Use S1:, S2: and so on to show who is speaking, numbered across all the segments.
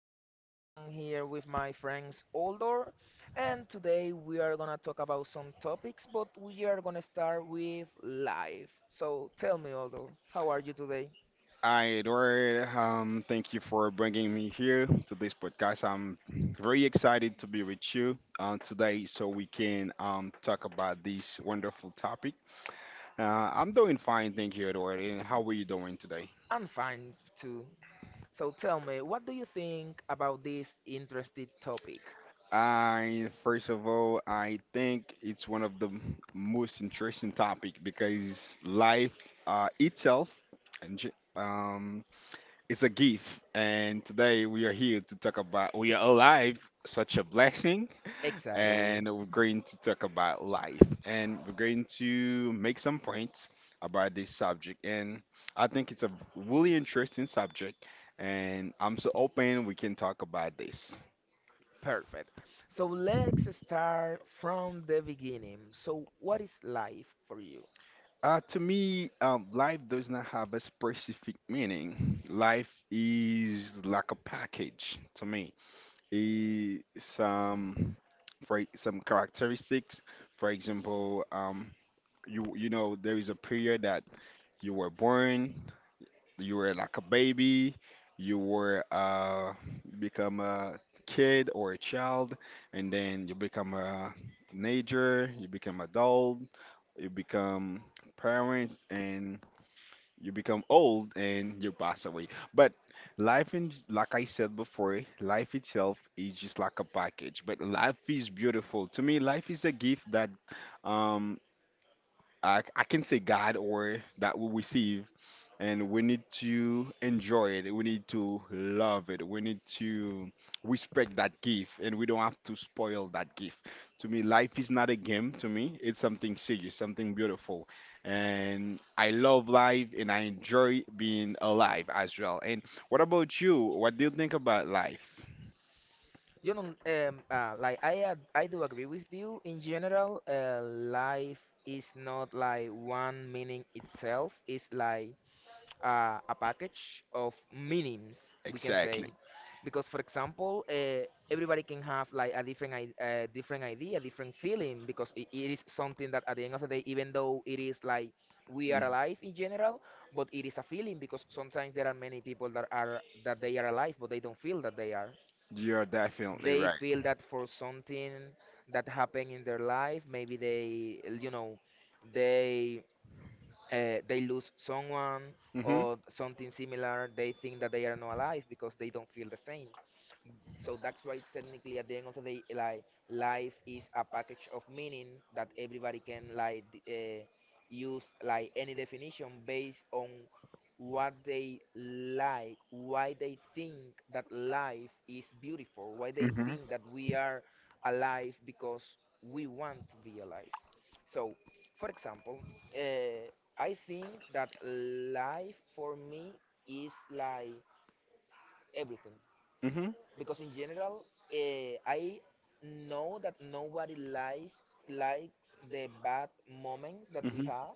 S1: Edward, and I'm here with my friends Oldor. And today we are gonna talk about some topics, but we are gonna start with life. So tell me, Oldor, how are you today?
S2: Hi, Edward. Thank you for bringing me here to this podcast. I'm very excited to be with you today so we can talk about this wonderful topic. I'm doing fine, thank you, Edward. And how are you doing today?
S1: I'm fine too. So tell me, what do you think about this interesting topic?
S2: I First of all, I think it's one of the most interesting topic because life itself and it's a gift, and today we are here to talk about we are alive, such a blessing, and
S1: Exactly.
S2: we're going to talk about life, and we're going to make some points about this subject. And I think it's a really interesting subject, and I'm so open we can talk about this.
S1: Perfect. So let's start from the beginning. So, what is life for you?
S2: To me, life does not have a specific meaning. Life is like a package to me. Eh, some for some characteristics. For example, you you know there is a period that you were born, you were like a baby, you were become a kid or a child, and then you become a teenager, you become adult, you become parents, and you become old and you pass away. But life, in, like I said before, life itself is just like a package. But life is beautiful. To me, life is a gift that um, I can say God or that we receive, and we need to enjoy it. We need to love it. We need to respect that gift, and we don't have to spoil that gift. To me, life is not a game. To me, it's something serious, something beautiful, and I love life, and I enjoy being alive as well. And what about you? What do you think about life
S1: Like I do agree with you. In general, life is not like one meaning itself. It's like a package of meanings, we can say,
S2: exactly?
S1: because for example, everybody can have like a different idea, different feeling, because it is something that at the end of the day, even though it is like we are
S2: Mhm.
S1: alive in general, but it is a feeling because sometimes there are many people that they are alive, but they don't feel that they are.
S2: You're definitely
S1: They
S2: right.
S1: feel that for something that happened in their life, maybe they you know they they lose someone
S2: Hmm.
S1: or something similar. They think that they are not alive because they don't feel the same. So that's why technically at the end of the day, like life is a package of meaning that everybody can use like any definition based on what they like, why they think that life is beautiful, why they
S2: Hmm.
S1: think that we are alive because we want to be alive. So, for example, uh, I think that life for me is like everything
S2: Hmm.
S1: because in general, I know that nobody likes the bad moments that we
S2: Hmm.
S1: have,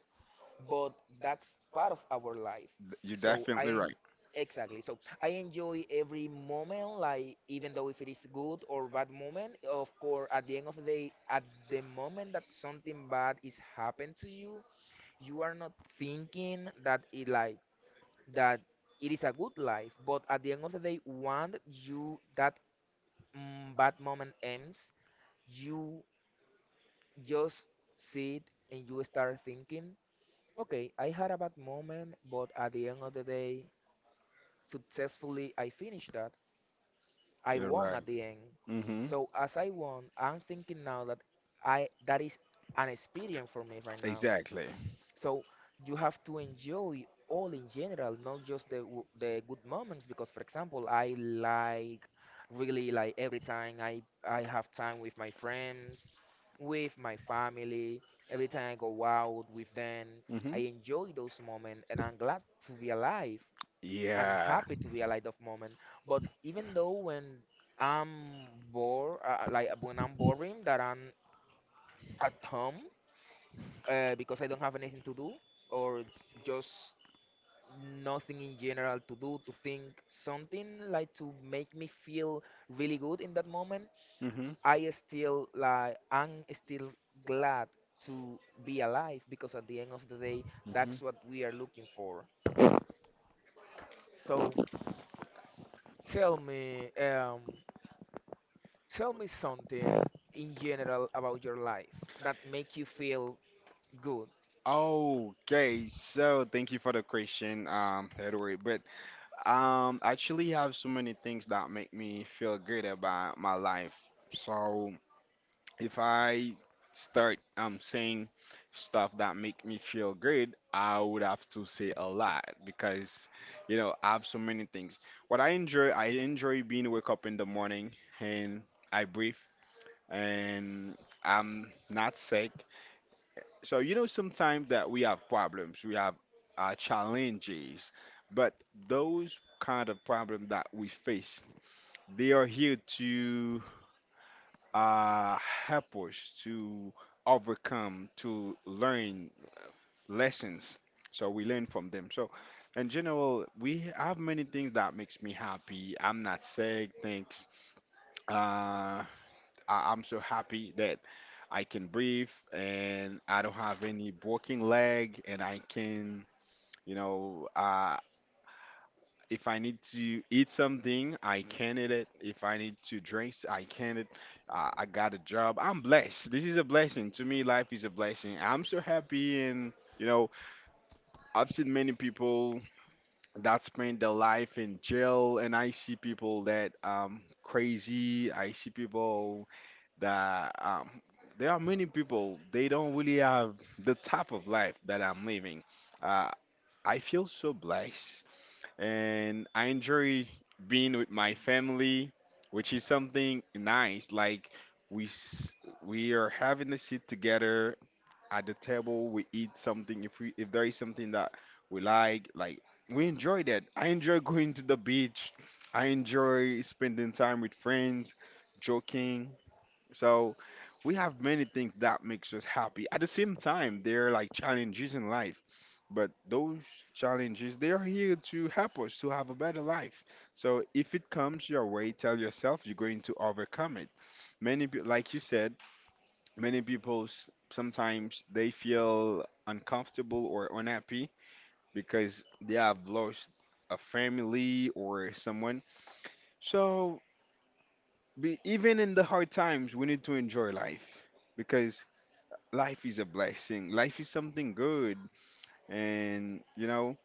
S1: but that's part of our life.
S2: You're
S1: So I
S2: definitely
S1: en-
S2: right.
S1: exactly. So I enjoy every moment, like even though if it is good or bad moment. Of course, at the end of the day, at the moment that something bad is happened to you, you are not thinking that it like that it is a good life, but at the end of the day, when you that bad moment ends, you just sit and you start thinking, okay, I had a bad moment, but at the end of the day, successfully I finished that. I
S2: You're
S1: won
S2: right.
S1: at the end.
S2: Hmm.
S1: So as I won, I'm thinking now that is an experience for me right now.
S2: Exactly.
S1: So you have to enjoy all in general, not just the good moments. Because, for example, I like really like every time I have time with my friends, with my family. Every time I go out with them,
S2: Hmm.
S1: I enjoy those moments, and I'm glad to be alive. I'm
S2: Yeah.
S1: happy to be alive of moment. But even though when I'm bored, like when I'm boring, that I'm at home because I don't have anything to do or just nothing in general to do, to think, something like to make me feel really good in that moment,
S2: Hmm.
S1: I'm still glad to be alive because at the end of the day,
S2: Hmm.
S1: that's what we are looking for. So tell me, um, tell me something in general about your life that make you feel good.
S2: Okay, so thank you for the question, Edward. But I actually have so many things that make me feel good about my life. So if I start saying stuff that make me feel great, I would have to say a lot because you know I have so many things. What I enjoy being wake up in the morning and I breathe and I'm not sick. So you know sometimes that we have problems, we have challenges, but those kind of problems that we face, they are here to uh, help us to overcome, to learn lessons. So we learn from them. So in general, we have many things that makes me happy. I'm not sick. Thanks. Uh, I'm so happy that I can breathe and I don't have any broken leg and I can, you know, if I need to eat something, I can eat it. If I need to drink, I can it. I got a job. I'm blessed. This is a blessing. To me, life is a blessing. I'm so happy and you know, I've seen many people that spend their life in jail and I see people that crazy. I see people that there are many people they don't really have the type of life that I'm living. Uh, I feel so blessed and I enjoy being with my family, which is something nice. Like we s- we are having a sit together at the table. We eat something. If we if there is something that we like we enjoy that. I enjoy going to the beach. I enjoy spending time with friends, joking. So we have many things that makes us happy. At the same time, there are like challenges in life, but those challenges they are here to help us to have a better life. So if it comes your way, tell yourself you're going to overcome it. Many, like you said, many people sometimes they feel uncomfortable or unhappy because they have lost a family or someone. So be, even in the hard times, we need to enjoy life because life is a blessing. Life is something good. And, you know,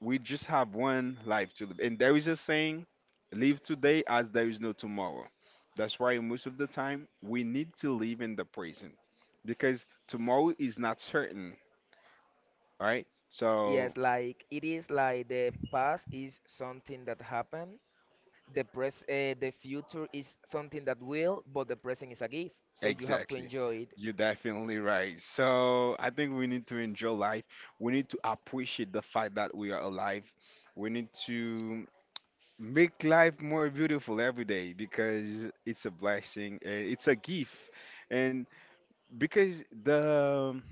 S2: we just have one life to live. And there is a saying, live today as there is no tomorrow. That's why most of the time we need to live in the present because tomorrow is not certain, right? So,
S1: Yes, like it is like the past is something that happened. The future is something that will, but the present is a gift, so you have to
S2: exactly.
S1: enjoy it.
S2: You're definitely right. So, I think we need to enjoy life. We need to appreciate the fact that we are alive. We need to make life more beautiful every day because it's a blessing and it's a gift. And because the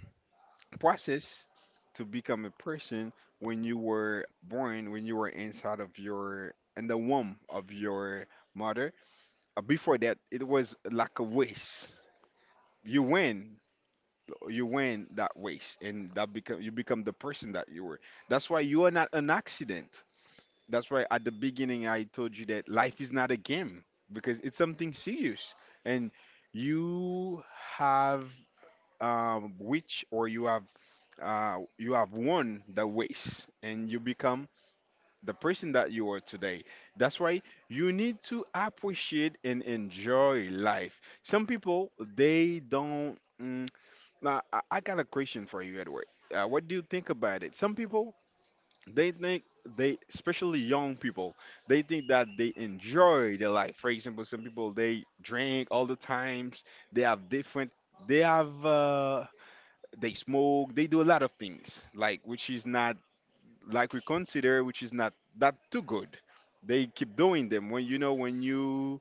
S2: process to become a person when you were born, when you were inside of your in the womb of your mother, before that it was like a waste. You win. You win that waste and that become you become the person that you were. That's why you are not an accident. That's why at the beginning I told you that life is not a game because it's something serious and you have which or you have won the race and you become the person that you are today. That's why you need to appreciate and enjoy life. Some people they don't. Mm, now I got a question for you, Edward. What do you think about it? Some people they think they especially young people they think that they enjoy their life for example some people they drink all the times they have different they have they smoke they do a lot of things like which is not like we consider which is not that too good they keep doing them when you know when you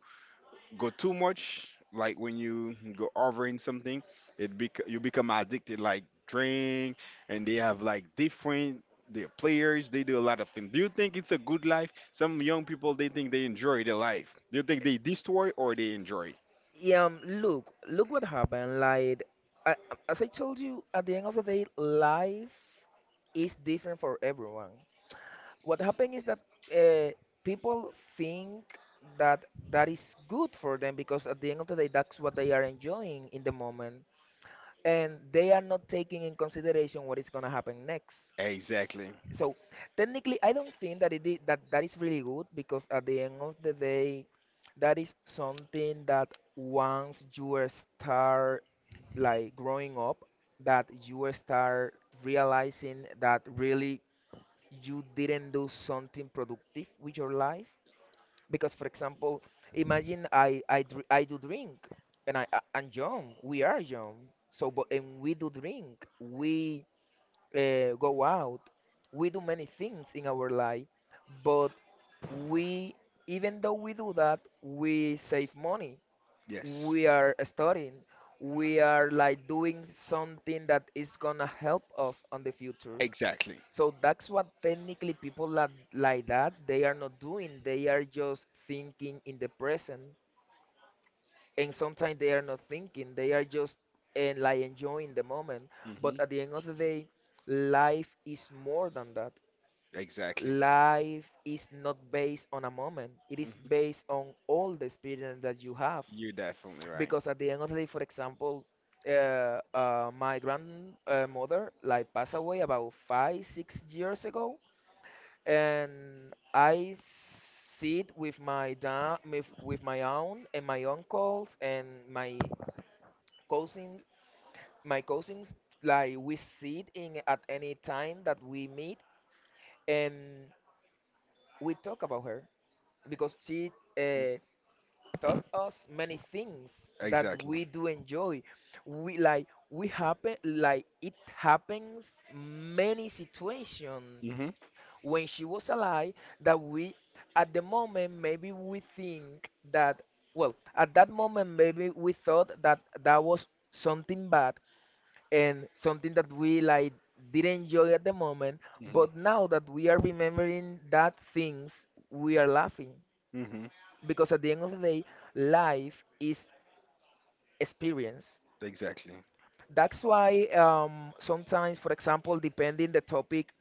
S2: go too much, like when you go over in something, it bec you become addicted, like drink, and they have like different their players. They do a lot of things. Do you think it's a good life? Some young people they think they enjoy their life. Do you think they destroy or they enjoy it?
S1: Yeah, Look, what happened. Like, I, as I told you, at the end of the day, life is different for everyone. What happened is that uh, people think that that is good for them because at the end of the day, that's what they are enjoying in the moment, and they are not taking in consideration what is going to happen next. S-
S2: Exactly.
S1: So technically, I don't think that that that is really good because at the end of the day, that is something that once you are start like growing up, that you are start realizing that really you didn't do something productive with your life, because for example, imagine I do drink and I- am young we are young, so but and we do drink, we go out, we do many things in our life, but we even though we do that, we save money,
S2: Yes.
S1: we are studying, we are like doing something that is gonna help us on the future,
S2: Exactly.
S1: so that's what technically people like that they are not doing. They are just thinking in the present, and sometimes they are not thinking. They are just and like enjoying the moment.
S2: Hmm.
S1: But at the end of the day, life is more than that.
S2: Exactly.
S1: Life is not based on a moment. It is
S2: Hmm.
S1: based on all the experience that you have.
S2: You're definitely right.
S1: Because at the end of the day, for example, my grandmother like passed away about 5, 6 years ago, and I sit with my dad, with my aunt and my uncles and my cousins, my cousins. Like we sit in at any time that we meet, and we talk about her because she uh, taught us many things that
S2: Exactly.
S1: we do enjoy. We like we happen like it happens many situations
S2: Hmm.
S1: when she was alive, that we, at the moment, maybe we think that, well, at that moment, maybe we thought that that was something bad and something that we like didn't enjoy at the moment.
S2: Hmm.
S1: But now that we are remembering that things, we are laughing
S2: Hmm.
S1: because at the end of the day, life is experience.
S2: Exactly.
S1: That's why sometimes, for example, depending the topic,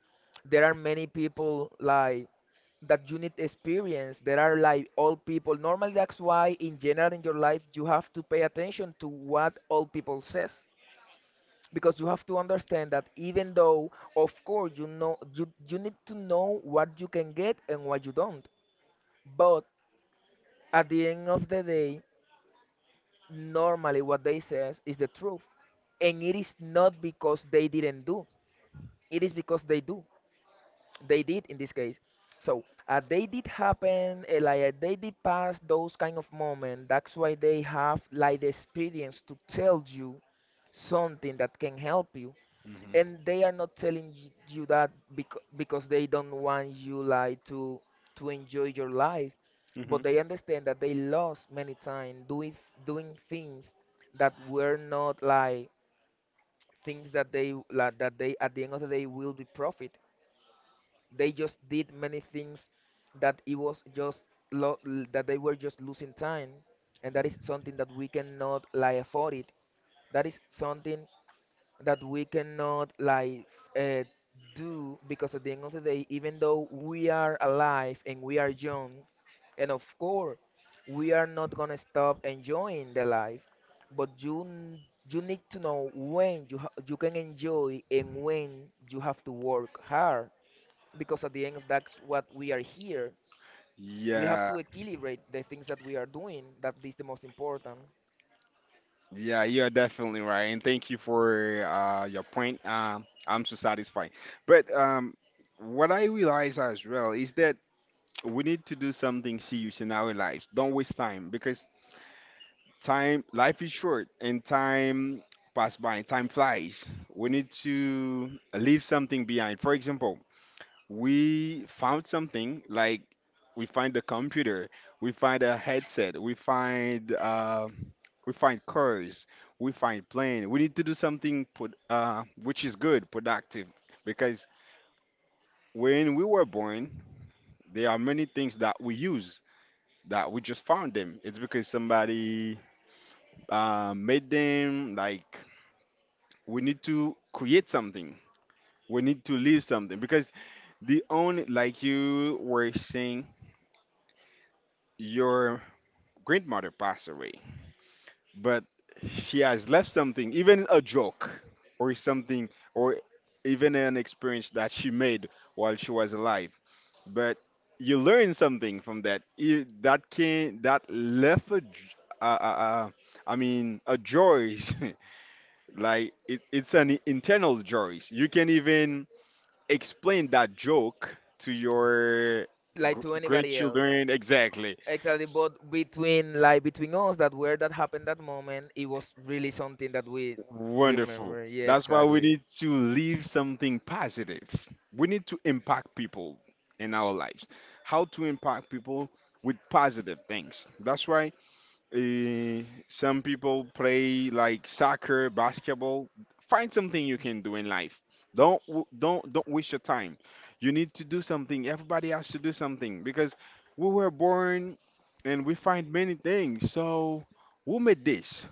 S1: there are many people like that you need experience. There are like old people. Normally, that's why in general in your life you have to pay attention to what old people says because you have to understand that even though of course you know you need to know what you can get and what you don't, but at the end of the day normally what they says is the truth, and it is not because they didn't do, it is because they did in this case. So they did happen, like they did pass those kind of moments. That's why they have like the experience to tell you something that can help you,
S2: Hmm.
S1: and they are not telling you that because they don't want you like to enjoy your life, but
S2: Hmm.
S1: they understand that they lost many time doing things that were not like things that they like, that they at the end of the day will be profit. They just did many things that it was just that they were just losing time, and that is something that we cannot like afford it, that is something that we cannot uh, do because at the end of the day even though we are alive and we are young, and of course we are not gonna stop enjoying the life, but you need to know when you can enjoy and when you have to work hard, because at the end of that's what we are here. We have to
S2: Yeah.
S1: equilibrate the things that we are doing, that is the most important.
S2: Yeah, you are definitely right, and thank you for your point. I'm so satisfied. But what I realize as well is that we need to do something serious in our lives. Don't waste time because time, life is short, and time pass by. Time flies. We need to leave something behind. For example, we found something like we find a computer we find a headset we find cars we find plane we need to do something put, which is good productive because when we were born there are many things that we use that we just found them it's because somebody made them like we need to create something we need to leave something because the only like you were saying your grandmother passed away, but she has left something, even a joke or something, or even an experience that she made while she was alive. But you learn something from that. That can that left uh, uh, uh, I mean, a joy, like it's an internal joy. You can even explain that joke to your
S1: Like to anybody else,
S2: grandchildren. Exactly.
S1: exactly, but between, like between us, that where that happened, that moment, it was really something that we
S2: Wonderful.
S1: remember, yeah,
S2: That's why we
S1: exactly.
S2: need to leave something positive. We need to impact people in our lives. How to impact people with positive things. That's why some people play like soccer, basketball. Find something you can do in life. Don't w- don't waste your time. You need to do something. Everybody has to do something because we were born and we find many things. So who made this?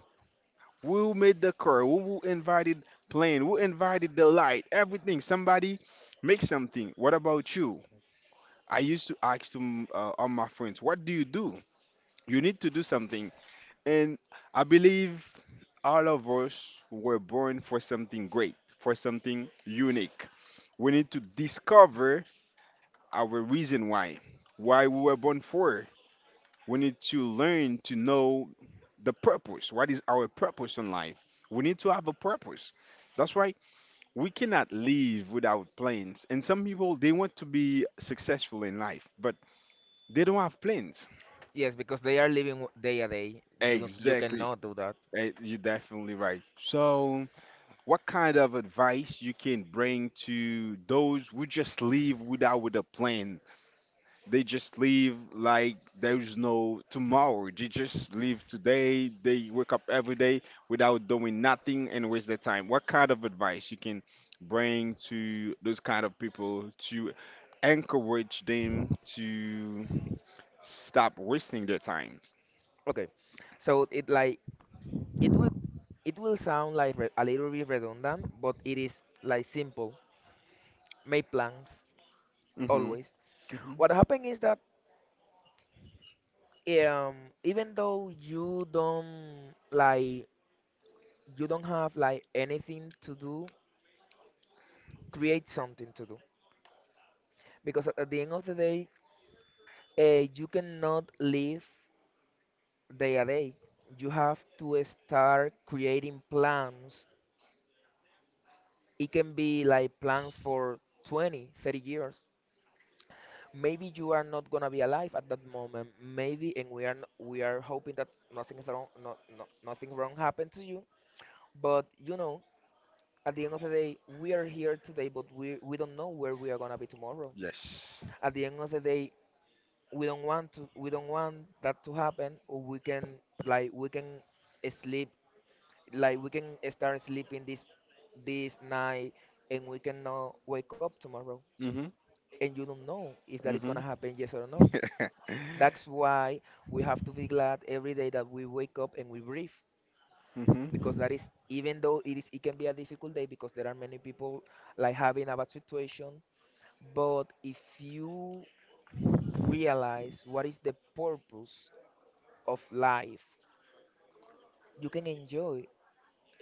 S2: Who made the car? Who invited plane? Who invited the light? Everything. Somebody make something. What about you? I used to ask to all my friends, what do? You need to do something. And I believe all of us were born for something great, for something unique. We need to discover our reason why we were born for. We need to learn to know the purpose. What is our purpose in life? We need to have a purpose. That's why we cannot live without plans. And some people they want to be successful in life, but they don't have plans.
S1: Yes, because they are living day a day. You
S2: Exactly.
S1: cannot do that.
S2: You're definitely right. So, what kind of advice you can bring to those who just live without with a plan? They just live like there's no tomorrow. They just live today. They wake up every day without doing nothing and waste their time. What kind of advice you can bring to those kind of people to encourage them to stop wasting their time.
S1: Okay, so it will it will sound like a little bit redundant, but it is like simple. Make plans
S2: Hmm.
S1: always. What
S2: Hmm.
S1: happened is that um even though you don't have like anything to do, create something to do because at the end of the day, you cannot live day a day. You have to start creating plans. It can be like plans for 20, 30 years. Maybe you are not gonna be alive at that moment, maybe, and we are hoping that nothing is wrong, no, no, nothing wrong happened to you, but at the end of the day, we are here today, but we don't know where we are gonna be tomorrow.
S2: Yes.
S1: At the end of the day, we don't want that to happen. Or we can like we can sleep like we can start sleeping this night, and we cannot wake up tomorrow.
S2: Hmm.
S1: And you don't know if that is
S2: Hmm.
S1: gonna happen, yes or not. That's why we have to be glad every day that we wake up and we breathe.
S2: Hmm.
S1: Because that is even though it can be a difficult day because there are many people like having a bad situation. But if you realize what is the purpose of life, you can enjoy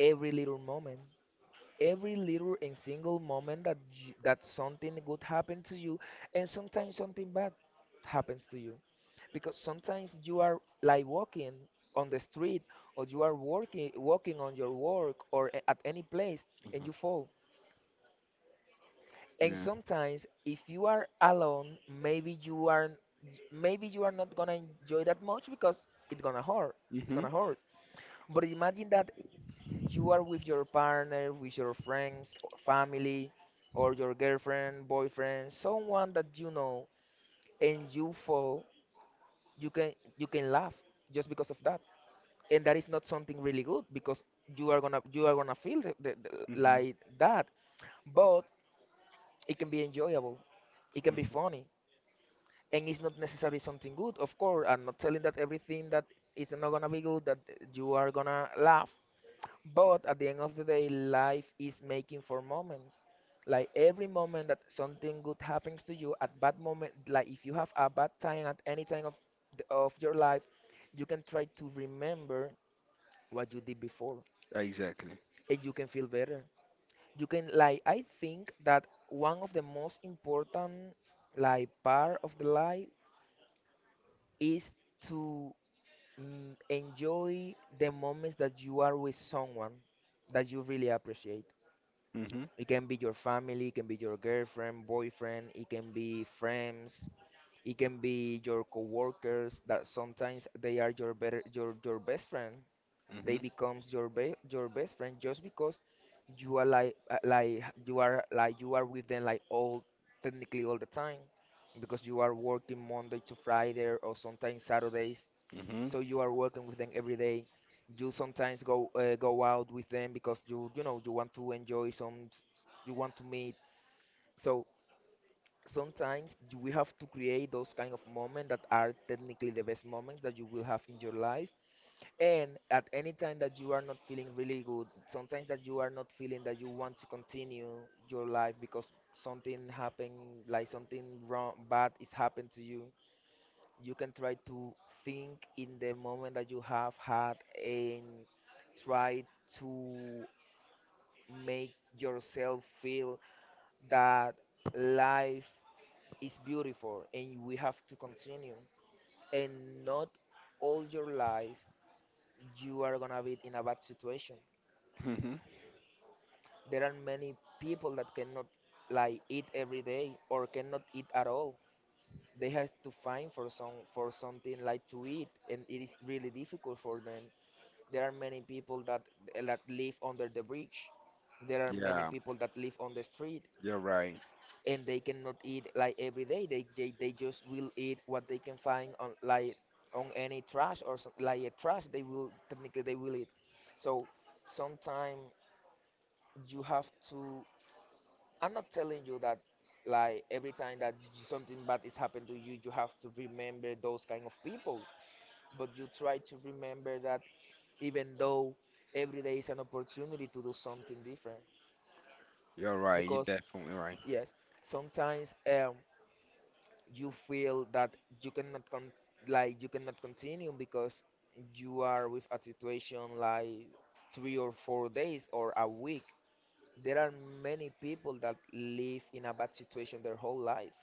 S1: every little moment, every little and single moment that that something good happens to you, and sometimes something bad happens to you, because sometimes you are like walking on the street or you are working walking on your work or at any place and you fall. And
S2: Yeah.
S1: sometimes if you are alone, maybe you are not gonna enjoy that much because it's gonna hurt. It's
S2: Hmm.
S1: gonna hurt. But imagine that you are with your partner, with your friends, or family, or your girlfriend, boyfriend, someone that you know and you fall, you can laugh just because of that. And that is not something really good because you are gonna feel like that. But it can be enjoyable. It can be funny and it's not necessarily something good. Of course, I'm not telling that everything that is not gonna be good that you are gonna laugh, but at the end of the day, life is making for moments. Like every moment that something good happens to you, at bad moment, like if you have a bad time at any time of of your life, you can try to remember what you did before,
S2: Exactly.
S1: and you can feel better. You can like I think that one of the most important like part of the life is to enjoy the moments that you are with someone that you really appreciate.
S2: Hmm.
S1: It can be your family, it can be your girlfriend, boyfriend, it can be friends, it can be your coworkers that sometimes they are your better your best friend. They
S2: Hmm.
S1: becomes your best friend just because you are like you are with them like all technically all the time because you are working Monday to Friday or sometimes Saturdays
S2: Hmm.
S1: so you are working with them every day. You sometimes go out with them because you want to enjoy you want to meet. So sometimes we have to create those kind of moments that are technically the best moments that you will have in your life, and at any time that you are not feeling really good, sometimes that you are not feeling that you want to continue your life because something happened, like something wrong bad is happened to you, you can try to think in the moment that you have had and try to make yourself feel that life is beautiful and we have to continue, and not all your life you are gonna be in a bad situation.
S2: Hmm.
S1: There are many people that cannot like eat every day or cannot eat at all. They have to find for something like to eat and it is really difficult for them. There are many people that live under the bridge. There are many
S2: Yeah,
S1: people that live on the street
S2: you're right.
S1: and they cannot eat like every day. They just will eat what they can find on any trash or like a trash they will technically they will eat. So sometimes you have to I'm not telling you that like every time that something bad is happened to you, you have to remember those kind of people, but you try to remember that even though every day is an opportunity to do something different
S2: You're right. You're
S1: because
S2: definitely right.
S1: yes, sometimes you feel that you cannot con- you cannot continue because you are with a situation like 3 or 4 days or a week. There are many people that live in a bad situation their whole life,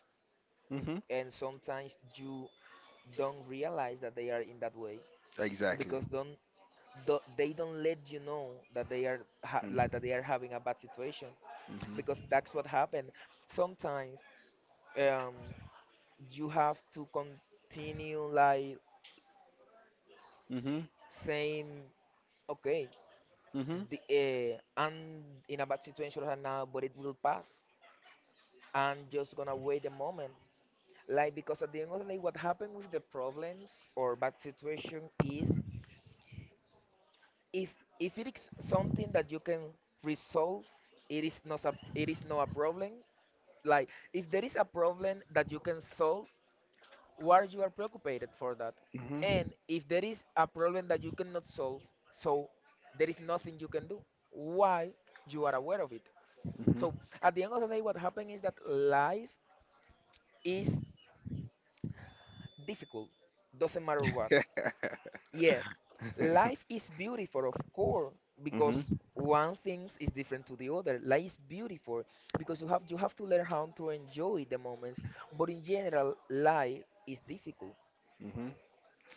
S2: Hmm.
S1: and sometimes you don't realize that they are in that way
S2: Exactly.
S1: because don't do, they don't let you know that like
S2: Mm-hmm.
S1: that they are having a bad situation because that's what happened. Sometimes um, you have to continue like
S2: Hmm.
S1: saying, okay,
S2: Hmm. Hmm.
S1: I'm in a bad situation right now, but it will pass. I'm just gonna wait a moment. Like because at the end of the day, what happened with the problems or bad situation is, if if it is something that you can resolve, it is not a problem. Like, if there is a problem that you can solve, why you are preoccupied for that?
S2: Hmm.
S1: And if there is a problem that you cannot solve, so there is nothing you can do. Why you are aware of it? So at the end of the day, what happens is that life is difficult. Doesn't matter what. Yes, life is beautiful, of course,
S2: Hmm.
S1: because one thing is different to the other. Life is beautiful because you have to learn how to enjoy the moments. But in general, life is difficult
S2: Hmm.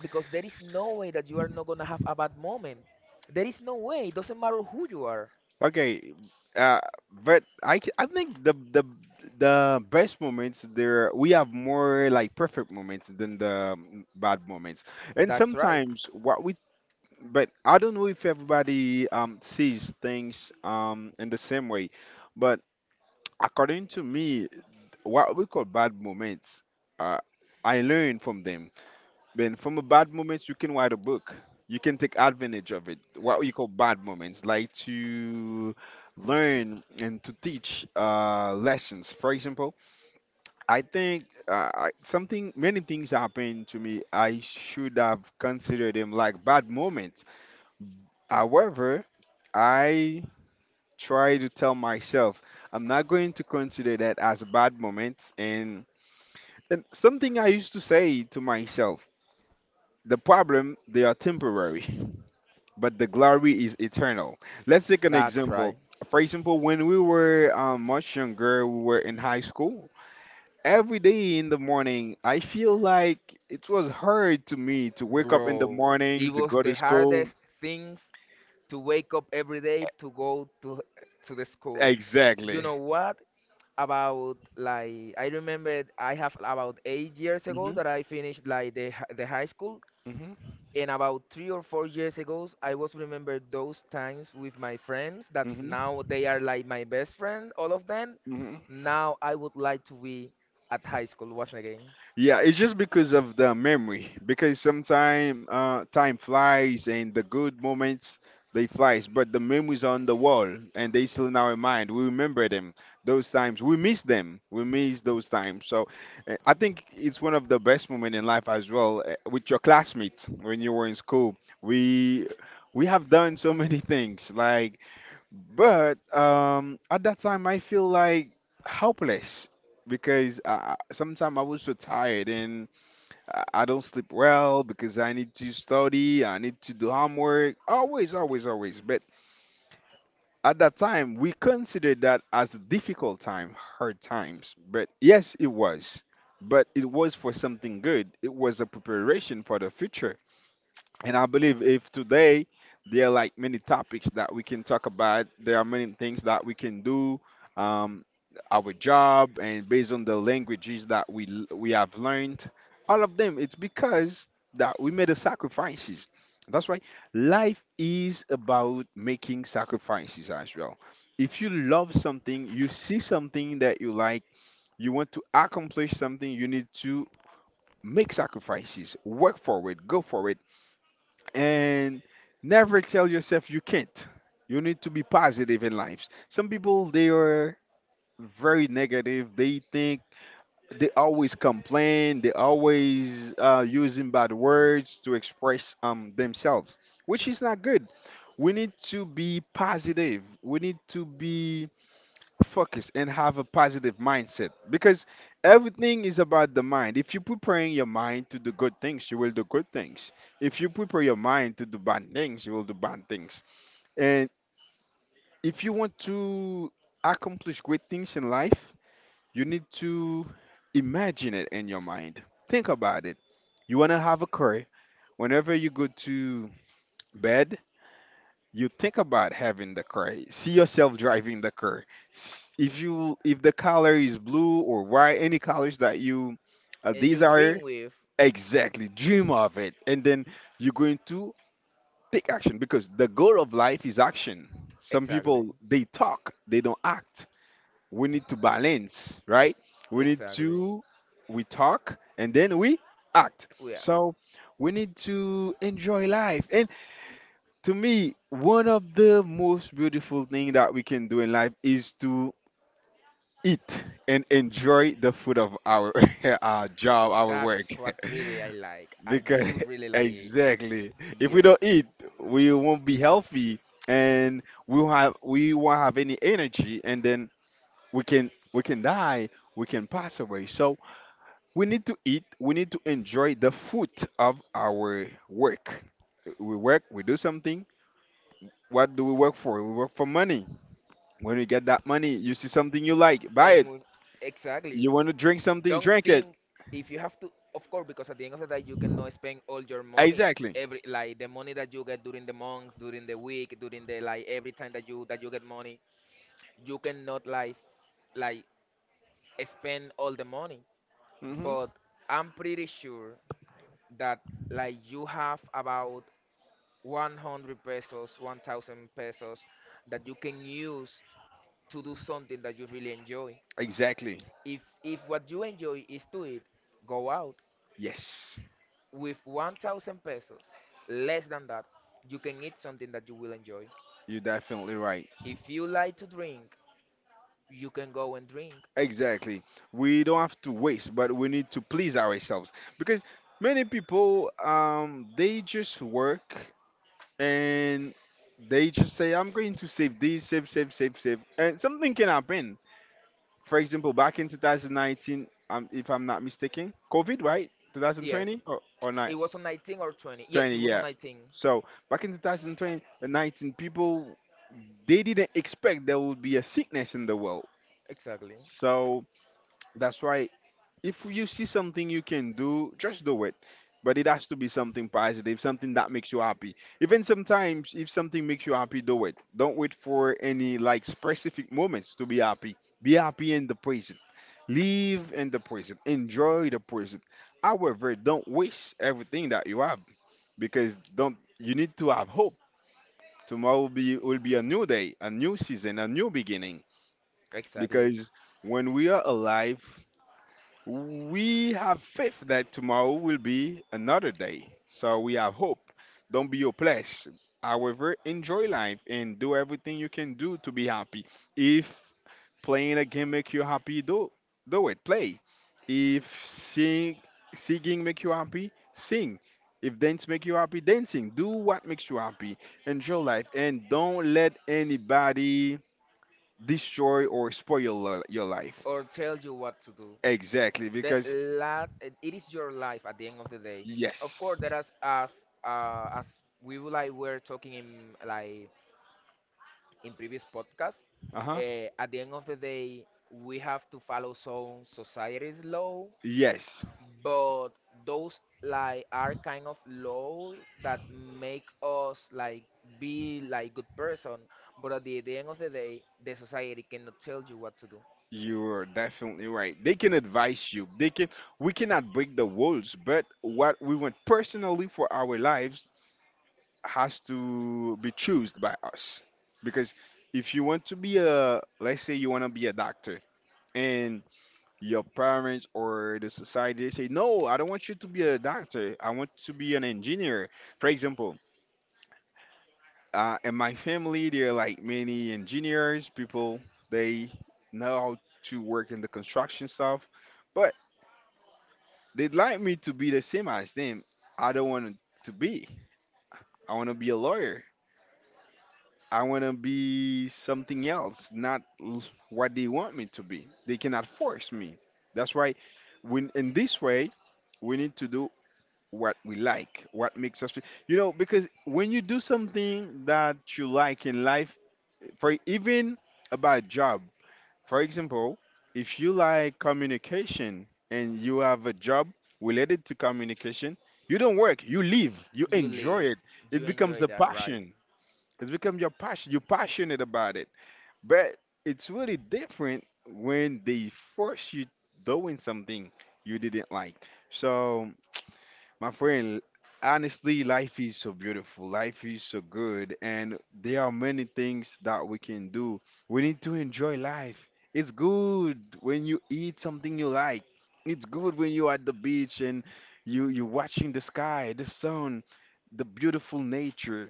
S1: because there is no way that you are not gonna have a bad moment. There is no way. It doesn't matter who you are.
S2: Okay, uh, but I think the best moments there we have more like perfect moments than the bad moments. And
S1: That's right.
S2: sometimes what we. But I don't know if everybody sees things in the same way, but according to me, what we call bad moments, uh, I learn from them. Then from a bad moments, you can write a book. You can take advantage of it. What we call bad moments, like to learn and to teach lessons. For example, I think something, many things happened to me. I should have considered them like bad moments. However, I try to tell myself I'm not going to consider that as a bad moment. And something I used to say to myself: the problem they are temporary, but the glory is eternal. Let's take an
S1: That's right.
S2: example. For example, when we were much younger, we were in high school. Every day in the morning, I feel like it was hard to me to wake up in the
S1: Bro, it
S2: morning to
S1: was
S2: go
S1: the
S2: to school.
S1: hardest things to wake up every day to go to the school. You
S2: Exactly.
S1: know what? About, like, I remember I have about 8 years ago
S2: hmm
S1: that I finished like the high school,
S2: hmm
S1: and about 3 or 4 years ago I was remember those times with my friends that
S2: hmm
S1: now they are like my best friend, all of them.
S2: hmm
S1: Now I would like to be at high school once again.
S2: Yeah, it's just because of the memory. Because sometimes time flies and the good moments, they flies, but the memories are on the wall and they still in our mind. We remember them. Those times we miss them. We miss those times. So I think it's one of the best moment in life as well with your classmates when you were in school. We have done so many things like, but at that time, I feel like helpless because sometimes I was so tired and I don't sleep well because I need to study, I need to do homework, always, always, always. But at that time, we considered that as a difficult time, hard times. But yes, it was. But it was for something good. It was a preparation for the future. And I believe if today there are like many topics that we can talk about, there are many things that we can do, um, our job, and based on the languages that we have learned, all of them, it's because that we made the sacrifices. That's why life is about making sacrifices as well. If you love something, you see something that you like, you want to accomplish something, you need to make sacrifices, work for it, go for it and never tell yourself you can't. You need to be positive in life. Some people they are very negative. They think they always complain. They always using bad words to express themselves, which is not good. We need to be positive. We need to be focus and have a positive mindset because everything is about the mind. If you preparing your mind to do good things, you will do good things. If you prepare your mind to do bad things, you will do bad things. And if you want to accomplish great things in life, you need to imagine it in your mind. Think about it. You want to have a career. Whenever you go to bed, you think about having the car, see yourself driving the car. If you, if the color is blue or white, any colors that you
S1: And you
S2: desire,
S1: dream with.
S2: exactly, dream of it and then you're going to take action because the goal of life is action. Some
S1: Exactly,
S2: people they talk, they don't act. We need to balance, right? We need
S1: exactly.
S2: to, we talk and then we act.
S1: Yeah,
S2: So we need to enjoy life. To me, one of the most beautiful thing that we can do in life is to eat and enjoy the food of our our job, our work.
S1: that's what really I like. I
S2: Because
S1: do really like it.
S2: exactly, if we
S1: Yes,
S2: don't eat, we won't be healthy, and we will have, we won't have any energy, and then we can die, we can pass away. So we need to eat. We need to enjoy the fruit of our work. We work. We do something. What do we work for? We work for money. When you get that money, you see something you like, buy it.
S1: and with, exactly.
S2: You want to drink something,
S1: Don't
S2: drink it.
S1: think, if you have to, of course, because at the end of the day you cannot spend all your money
S2: Exactly.
S1: every, like the money that you get during the month, during the week, during the like every time that you get money. You cannot like like spend all the money,
S2: hmm
S1: but I'm pretty sure that like you have about 100 pesos, 1000 pesos that you can use to do something that you really enjoy.
S2: Exactly.
S1: If what you enjoy is to eat, go out
S2: Yes,
S1: with 1000 pesos, less than that, you can eat something that you will enjoy.
S2: you're definitely right.
S1: If you like to drink, you can go and drink.
S2: Exactly. We don't have to waste, but we need to please ourselves because many people they just work and they just say I'm going to save this, save, save, save, save, and something can happen. For example, back in 2019, if I'm not mistaken, COVID, right?
S1: Yes,
S2: 2020 or not?
S1: it was on 19 or 20. Yes,
S2: 20,
S1: it was on
S2: yeah.
S1: 19.
S2: So back in 2020, 19, people they didn't expect there would be a sickness in the world.
S1: Exactly.
S2: So that's why if you see something you can do, just do it. But it has to be something positive, something that makes you happy. Even sometimes, if something makes you happy, do it. Don't wait for any like specific moments to be happy. Be happy in the present. Live in the present. Enjoy the present. However, don't waste everything that you have because don't, you need to have hope. Tomorrow will be, will be a new day, a new season, a new beginning.
S1: Exactly.
S2: Because when we are alive, we have faith that tomorrow will be another day. So we have hope. Don't be hopeless. However, enjoy life and do everything you can do to be happy. If playing a game make you happy, do it. Play. If singing make you happy, sing. If dance make you happy, dancing. Do what makes you happy. Enjoy life and don't let anybody destroy or spoil your, your life.
S1: Or tell you what to do.
S2: Exactly,
S1: The
S2: because
S1: la- it is your life at the end of the day. Of course,
S2: yes.
S1: there is as we were talking in in previous podcasts.
S2: Uh-huh.
S1: At the end of the day, we have to follow some society's law,
S2: Yes,
S1: but those like are kind of law that make us like be like good person, but at the end of the day the society cannot tell you what to do.
S2: you are definitely right. They can advise you. They can, we cannot break the rules, but what we want personally for our lives has to be chosen by us because if you want to be a, let's say you want to be a doctor and your parents or the society say no, I don't want you to be a doctor, I want to be an engineer, for example. In my family there are like many engineers, people they know how to work in the construction stuff, but they'd like me to be the same as them. I don't want to be, I want to be a lawyer. I want to be something else, not what they want me to be. They cannot force me. That's why, when in this way, we need to do what we like, what makes us, you know, because when you do something that you like in life, for even about job, for example, if you like communication and you have a job related to communication, you don't work, you live, you
S1: You
S2: enjoy
S1: live,
S2: it. It
S1: you
S2: becomes
S1: enjoy
S2: a
S1: that, right?
S2: passion, it's become your passion. You're passionate about it. But it's really different when they force you doing something you didn't like. So, my friend, honestly, life is so beautiful. Life is so good. And there are many things that we can do. We need to enjoy life. It's good when you eat something you like. It's good when you're at the beach and you, you're watching the sky, the sun, the beautiful nature.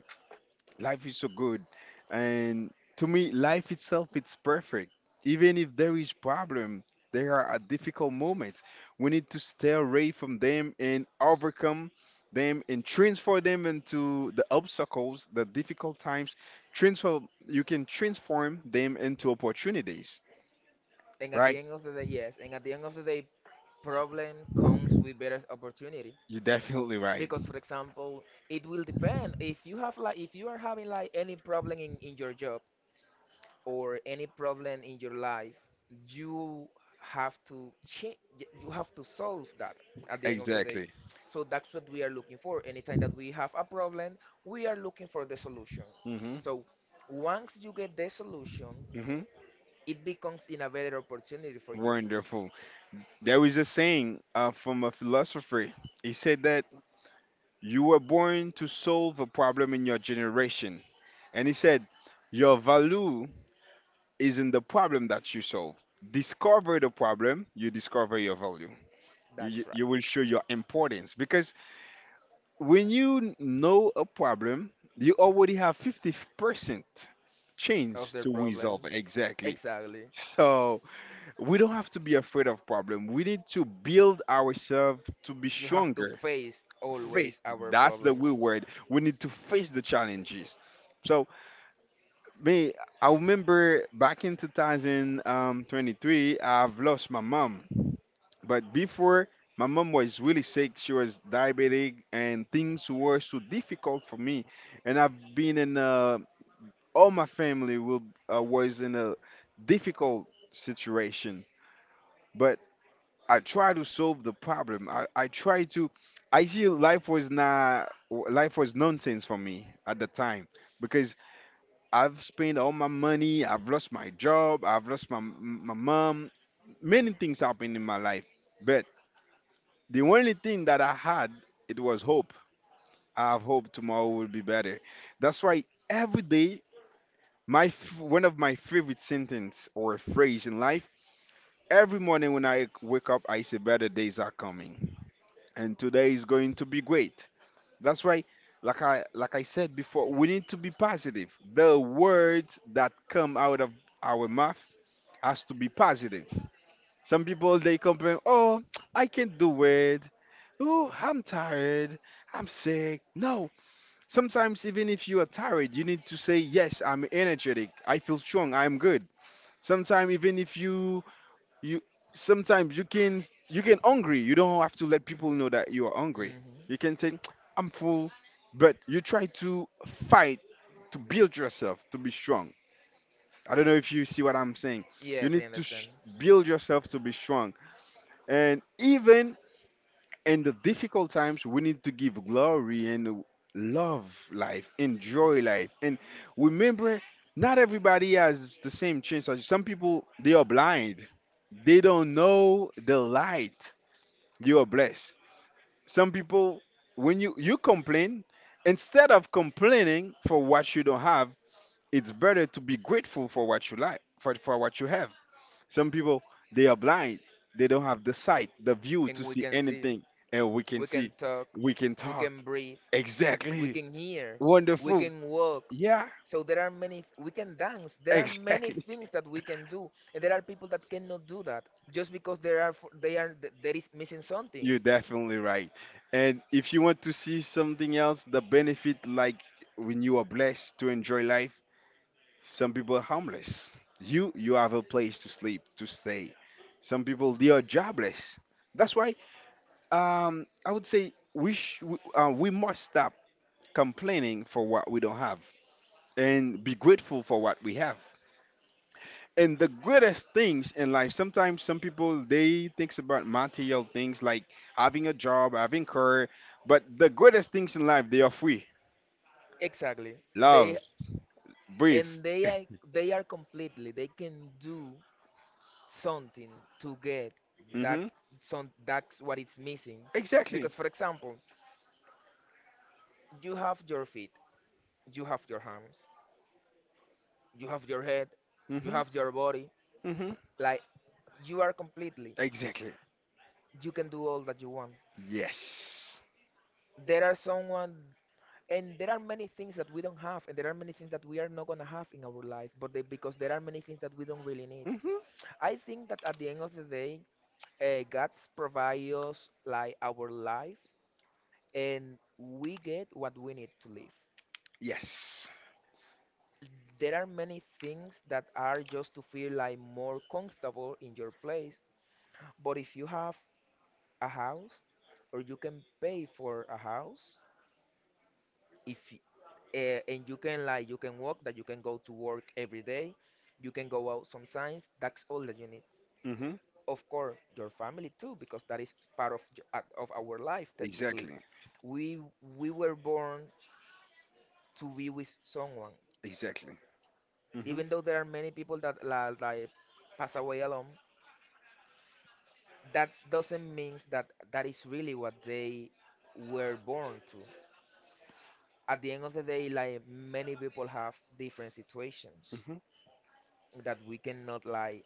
S2: Life is so good. And to me, life itself it's perfect. Even if there is problem, there are difficult moments. We need to stay away from them and overcome them and transform them into the obstacles, the difficult times. Transform, you can transform them into opportunities.
S1: And at the
S2: Right?
S1: end of the day, yes, and at the end of the day, problem comes with better opportunity,
S2: You're definitely right.
S1: because for example it will depend if you have, like, if you are having like any problem in your job or any problem in your life, you have to change, you have to solve that at the end of the day.
S2: Exactly.
S1: So that's what we are looking for. Anytime that we have a problem, we are looking for the solution.
S2: hmm
S1: So once you get the solution,
S2: hmm
S1: it becomes in a better opportunity for you.
S2: Wonderful. There is a saying from a philosopher. He said that you were born to solve a problem in your generation. And he said, your value is in the problem that you solve. Discover the problem, you discover your value. You, you,
S1: That's
S2: you
S1: right.
S2: will show your importance. Because when you know a problem, you already have 50%
S1: Of
S2: chance
S1: their
S2: to
S1: problem.
S2: resolve, exactly.
S1: Exactly.
S2: So we don't have to be afraid of problem. We need to build ourselves to be
S1: You have to
S2: stronger,
S1: face
S2: face.
S1: always our
S2: That's the
S1: problems.
S2: we word. We need to face the challenges. So me, I remember back in 2023, I've lost my mom. But before, my mom was really sick. She was diabetic, and things were so difficult for me. And I've been in all my family will was in a difficult situation. But I try to solve the problem. I try to. I see life was not, life was nonsense for me at the time because I've spent all my money. I've lost my job. I've lost my mom. Many things happened in my life, but the only thing that I had, it was hope. I have hope tomorrow will be better. That's why every day, my one of my favorite sentence or phrase in life. Every morning when I wake up, I say better days are coming, and today is going to be great. That's why, like I said before, we need to be positive. The words that come out of our mouth has to be positive. Some people they complain, "Oh, I can't do it. Oh, I'm tired. I'm sick." No. Sometimes even if you are tired, you need to say, "Yes, I'm energetic. I feel strong. I'm good." Sometimes even if you sometimes you can hungry, you don't have to let people know that you are hungry.
S1: Hmm.
S2: You can say I'm full, but you try to fight to build yourself to be strong. I don't know if you see what I'm saying. You
S1: Yes, I
S2: need to
S1: understand.
S2: sh- Build yourself to be strong, and even in the difficult times, we need to give glory and love life, enjoy life. And remember, not everybody has the same chance as you. Some people, they are blind, they don't know the light. You are blessed. Some people, when you complain, instead of complaining for what you don't have, it's better to be grateful for what you like, for what you have. Some people, they are blind. They don't have the sight, the view
S1: And
S2: to
S1: we
S2: see
S1: can see,
S2: anything, and we can
S1: we
S2: see,
S1: can talk,
S2: we can
S1: we
S2: talk.
S1: can breathe, we
S2: Exactly.
S1: can hear, we
S2: Wonderful.
S1: can walk.
S2: Yeah,
S1: So there are many, we can dance. There are many
S2: exactly.
S1: things that we can do, and there are people that cannot do that just because there are f- they are there is missing something.
S2: You're definitely right. And if you want to see something else, the benefit, like when you are blessed to enjoy life, some people are homeless. You have a place to sleep, to stay. Some people, they are jobless. That's why, I would say we must stop complaining for what we don't have and be grateful for what we have. And the greatest things in life, sometimes some people, they thinks about material things like having a job, having career, but the greatest things in life, they are free.
S1: Exactly. They
S2: Love, breathe.
S1: and they are they are completely. They can do something to get that.
S2: Hmm.
S1: That's what it's missing.
S2: Exactly.
S1: Because for example, you have your feet, you have your hands, you have your head, you
S2: Hmm.
S1: have your body.
S2: Hmm.
S1: Like, you are completely,
S2: Exactly.
S1: you can do all that you want.
S2: Yes.
S1: There are someone, and there are many things that we don't have, and there are many things that we are not going to have in our life. But they, because there are many things that we don't really need.
S2: Hmm.
S1: I think that at the end of the day, god provides us like our life, and we get what we need to live.
S2: Yes.
S1: There are many things that are just to feel like more comfortable in your place. But if you have a house, or you can pay for a house, if y- and you can, like, you can walk, that you can go to work every day, you can go out sometimes, that's all that you need.
S2: Hmm.
S1: Of course your family too, because that is part of of our life technically.
S2: Exactly.
S1: We we were born to be with someone.
S2: Exactly. Hmm.
S1: Even though there are many people that like pass away alone, that doesn't mean that that is really what they were born to. At the end of the day, like, many people have different situations
S2: Hmm.
S1: that we cannot like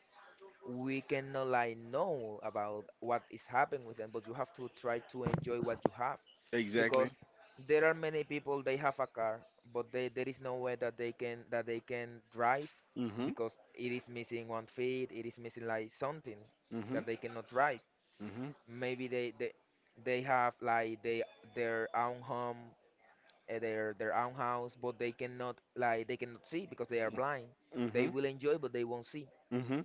S1: we cannot like know about what is happening with them, but you have to try to enjoy what you have.
S2: Exactly.
S1: Because there are many people, they have a car, but there is no way that they can drive,
S2: Hmm. Hmm.
S1: because it is missing one feet, it is missing like something that they cannot drive.
S2: Hmm.
S1: Maybe they have like they their own home, their own house, but they cannot see because they are blind. They
S2: Hmm.
S1: will enjoy, but they won't see,
S2: Hmm.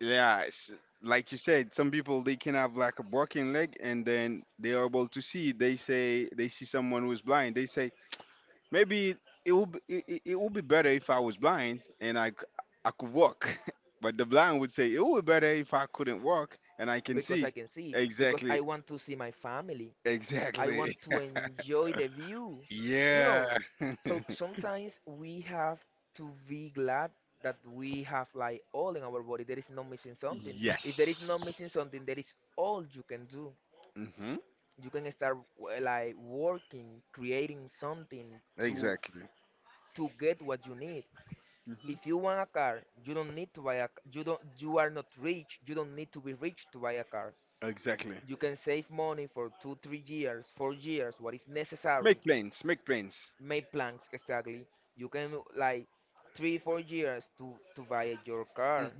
S2: Yeah, like you said, some people they can have like a broken leg and then they are able to see. They say they see someone who's blind. They say maybe it would be better if I was blind and I could walk. But the blind would say it would be better if I couldn't walk and I can
S1: because
S2: see.
S1: I can see, because I
S2: Exactly,
S1: want to see my family. I
S2: exactly.
S1: want to enjoy the view, you
S2: Yeah.
S1: know. So sometimes we have to be glad that we have like all in our body. There is no missing something. If there is no
S2: Yes.
S1: missing something, there is all you can do.
S2: Hmm.
S1: You can start like working, creating something to
S2: Exactly.
S1: to get what you need. If
S2: Hmm.
S1: you want a car, you don't need to you are not rich, you don't need to be rich to buy a car.
S2: Exactly.
S1: You can save money for two, 3 years, 4 years, what is necessary.
S2: Make plans. Make plans.
S1: Make plans, exactly. You can, like, three, 4 years to buy your car.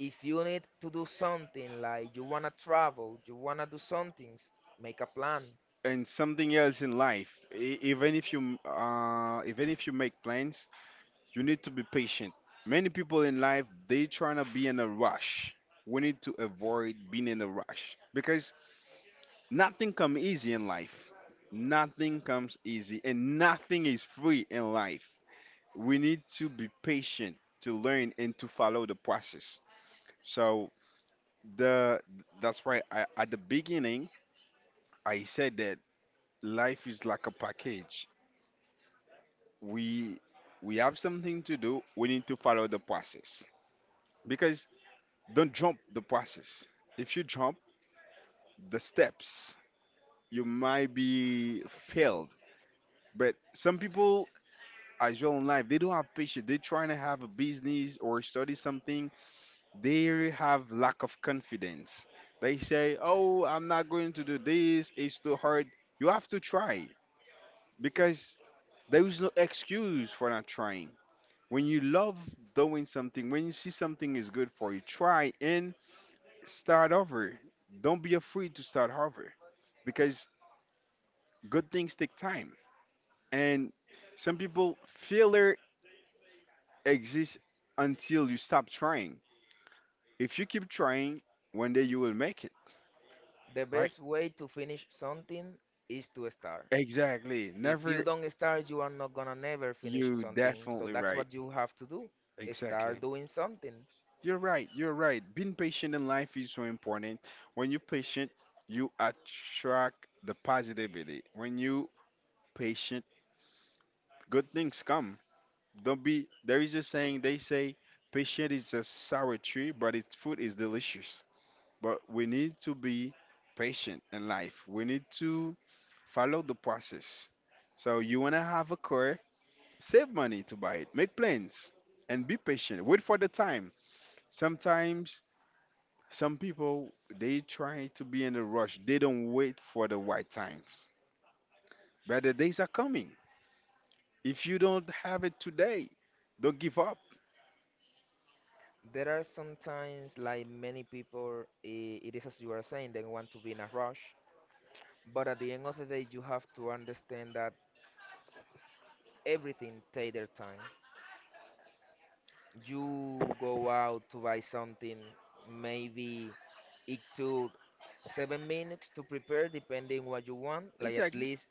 S1: If you need to do something, like you wanna travel, you wanna do something, make a plan.
S2: And something else in life, even if you make plans, you need to be patient. Many people in life, they trying to be in a rush. We need to avoid being in a rush because nothing come easy in life. Nothing comes easy and nothing is free in life. We need to be patient to learn and to follow the process. So, the that's why I, at the beginning, I said that life is like a package. we we have something to do. We need to follow the process. Because don't jump the process. If you jump the steps, you might be failed. But some people as well in life, they don't have patience. They're trying to have a business or study something. They have lack of confidence. They say, "Oh, I'm not going to do this. It's too hard." You have to try, because there is no excuse for not trying. When you love doing something, when you see something is good for you, try and start over. Don't be afraid to start over, because good things take time. And some people, failure exists until you stop trying. If you keep trying, one day you will make it,
S1: The
S2: right?
S1: best way to finish something is to start.
S2: Exactly.
S1: If you
S2: Never,
S1: don't start, you are not gonna never finish
S2: you
S1: something. So
S2: definitely
S1: that's
S2: right.
S1: what you have to do.
S2: Exactly.
S1: Start doing something.
S2: You're right. You're right. Being patient in life is so important. When you're patient, you attract the positivity. When you patient, good things come. Don't be. There is a saying, they say, patient is a sour tree, but its fruit is delicious. But we need to be patient in life. We need to follow the process. So you wanna have a car, save money to buy it, make plans, and be patient. Wait for the time. Sometimes Some people, they try to be in a rush. They don't wait for the right times. Better days are coming. If you don't have it today, don't give up.
S1: There are sometimes, like, many people, it is as you are saying, they want to be in a rush. But at the end of the day, you have to understand that everything takes their time. You go out to buy something, maybe it took 7 minutes to prepare, depending what you want. Like, at
S2: Exactly.
S1: least.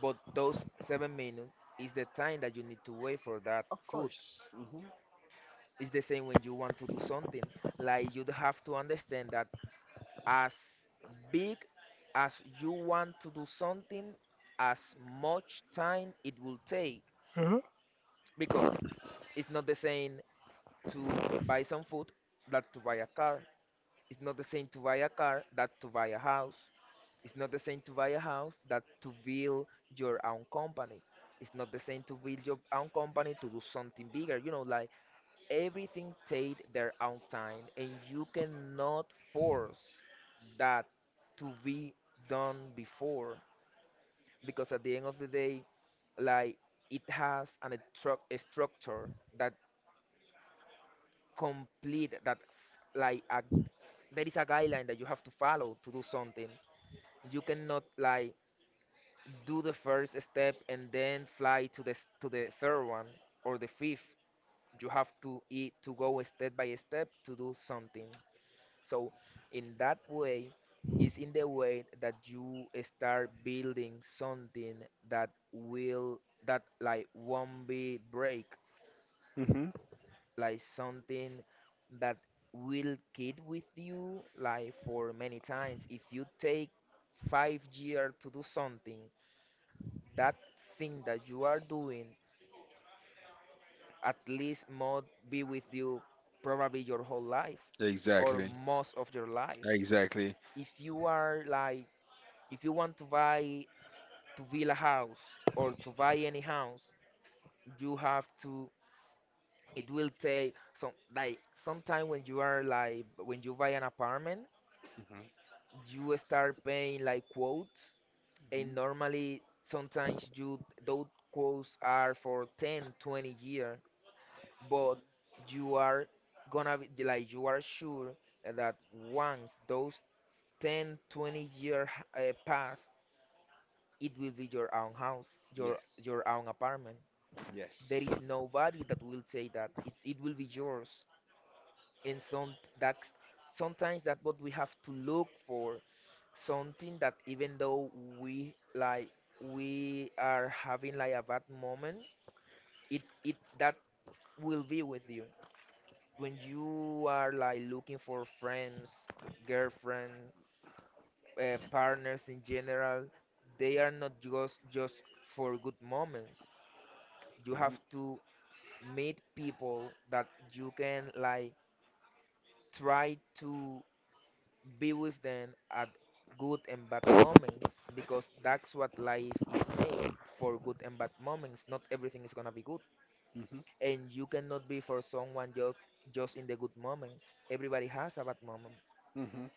S1: But those 7 minutes is the time that you need to wait for that
S2: Of
S1: food.
S2: course. Hmm.
S1: It's the same when you want to do something. Like, you have to understand that as big as you want to do something, as much time it will take.
S2: Uh-huh.
S1: Because it's not the same to buy some food that to buy a car. It's not the same to buy a car that to buy a house. It's not the same to buy a house that to build your own company. It's not the same to build your own company to do something bigger. You know, like, everything take their own time, and you cannot force that to be done before, because at the end of the day, like, it has a structure that complete, like a, there is a guideline that you have to follow to do something. You cannot, like, do the first step and then fly to to the third one, or the fifth. You have to eat to go step by step to do something. So in that way is in the way that you start building something that will, that, like, won't be break,
S2: Hmm.
S1: like something that will keep with you like for many times. If you take 5 years to do something, that thing that you are doing at least must be with you, probably your whole life, or
S2: Exactly.
S1: most of your life.
S2: Exactly.
S1: If you are like, if you want to buy, to build a house, or to buy any house, you have to, it will take some like sometime, when you are like, when you buy an apartment,
S2: Hmm.
S1: you start paying like quotes,
S2: Hmm.
S1: and normally sometimes you, those quotes are for 10 20 year. But you are gonna be like, you are sure that once those ten twenty 20 year pass, it will be your own house, your
S2: Yes.
S1: your own apartment. There
S2: Yes.
S1: is nobody that will say that it will be yours. And some that's sometimes that what we have to look for, something that even though we, like, we are having like a bad moment, it that will be with you. When you are like looking for friends, girlfriend, partners in general, they are not just for good moments. You
S2: Mhm,
S1: have to meet people that you can, like, try to be with them at good and bad moments, because that's what life is made for, good and bad moments. Not everything is gonna be good,
S2: mhm,
S1: and you cannot be for someone just in the good moments. Everybody has a bad moment.
S2: mhm.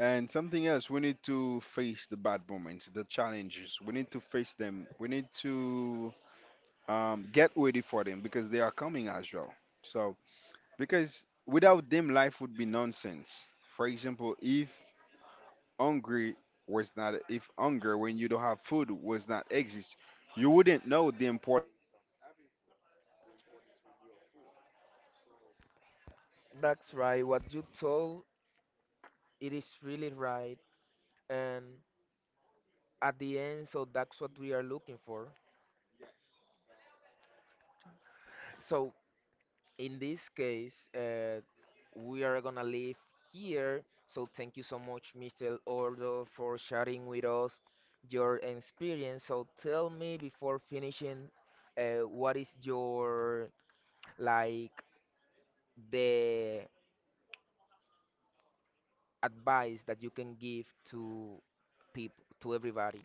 S2: And something else, we need to face the bad moments, the challenges. We need to face them. We need to get ready for them, because they are coming as well. So, because without them, life would be nonsense. For example, if hungry was not, if hunger when you don't have food was not exist, you wouldn't know the importance of having food, the importance when you are full. So,
S1: That's
S2: anything,
S1: right. What you told, it is really right. And at the end, so that's what we are looking for.
S2: yes. So,
S1: So in this case, we are gonna leave here. So thank you so much, Mr. Ordo, for sharing with us your experience. So tell me before finishing, what is your, like, the advice that you can give to people, to everybody?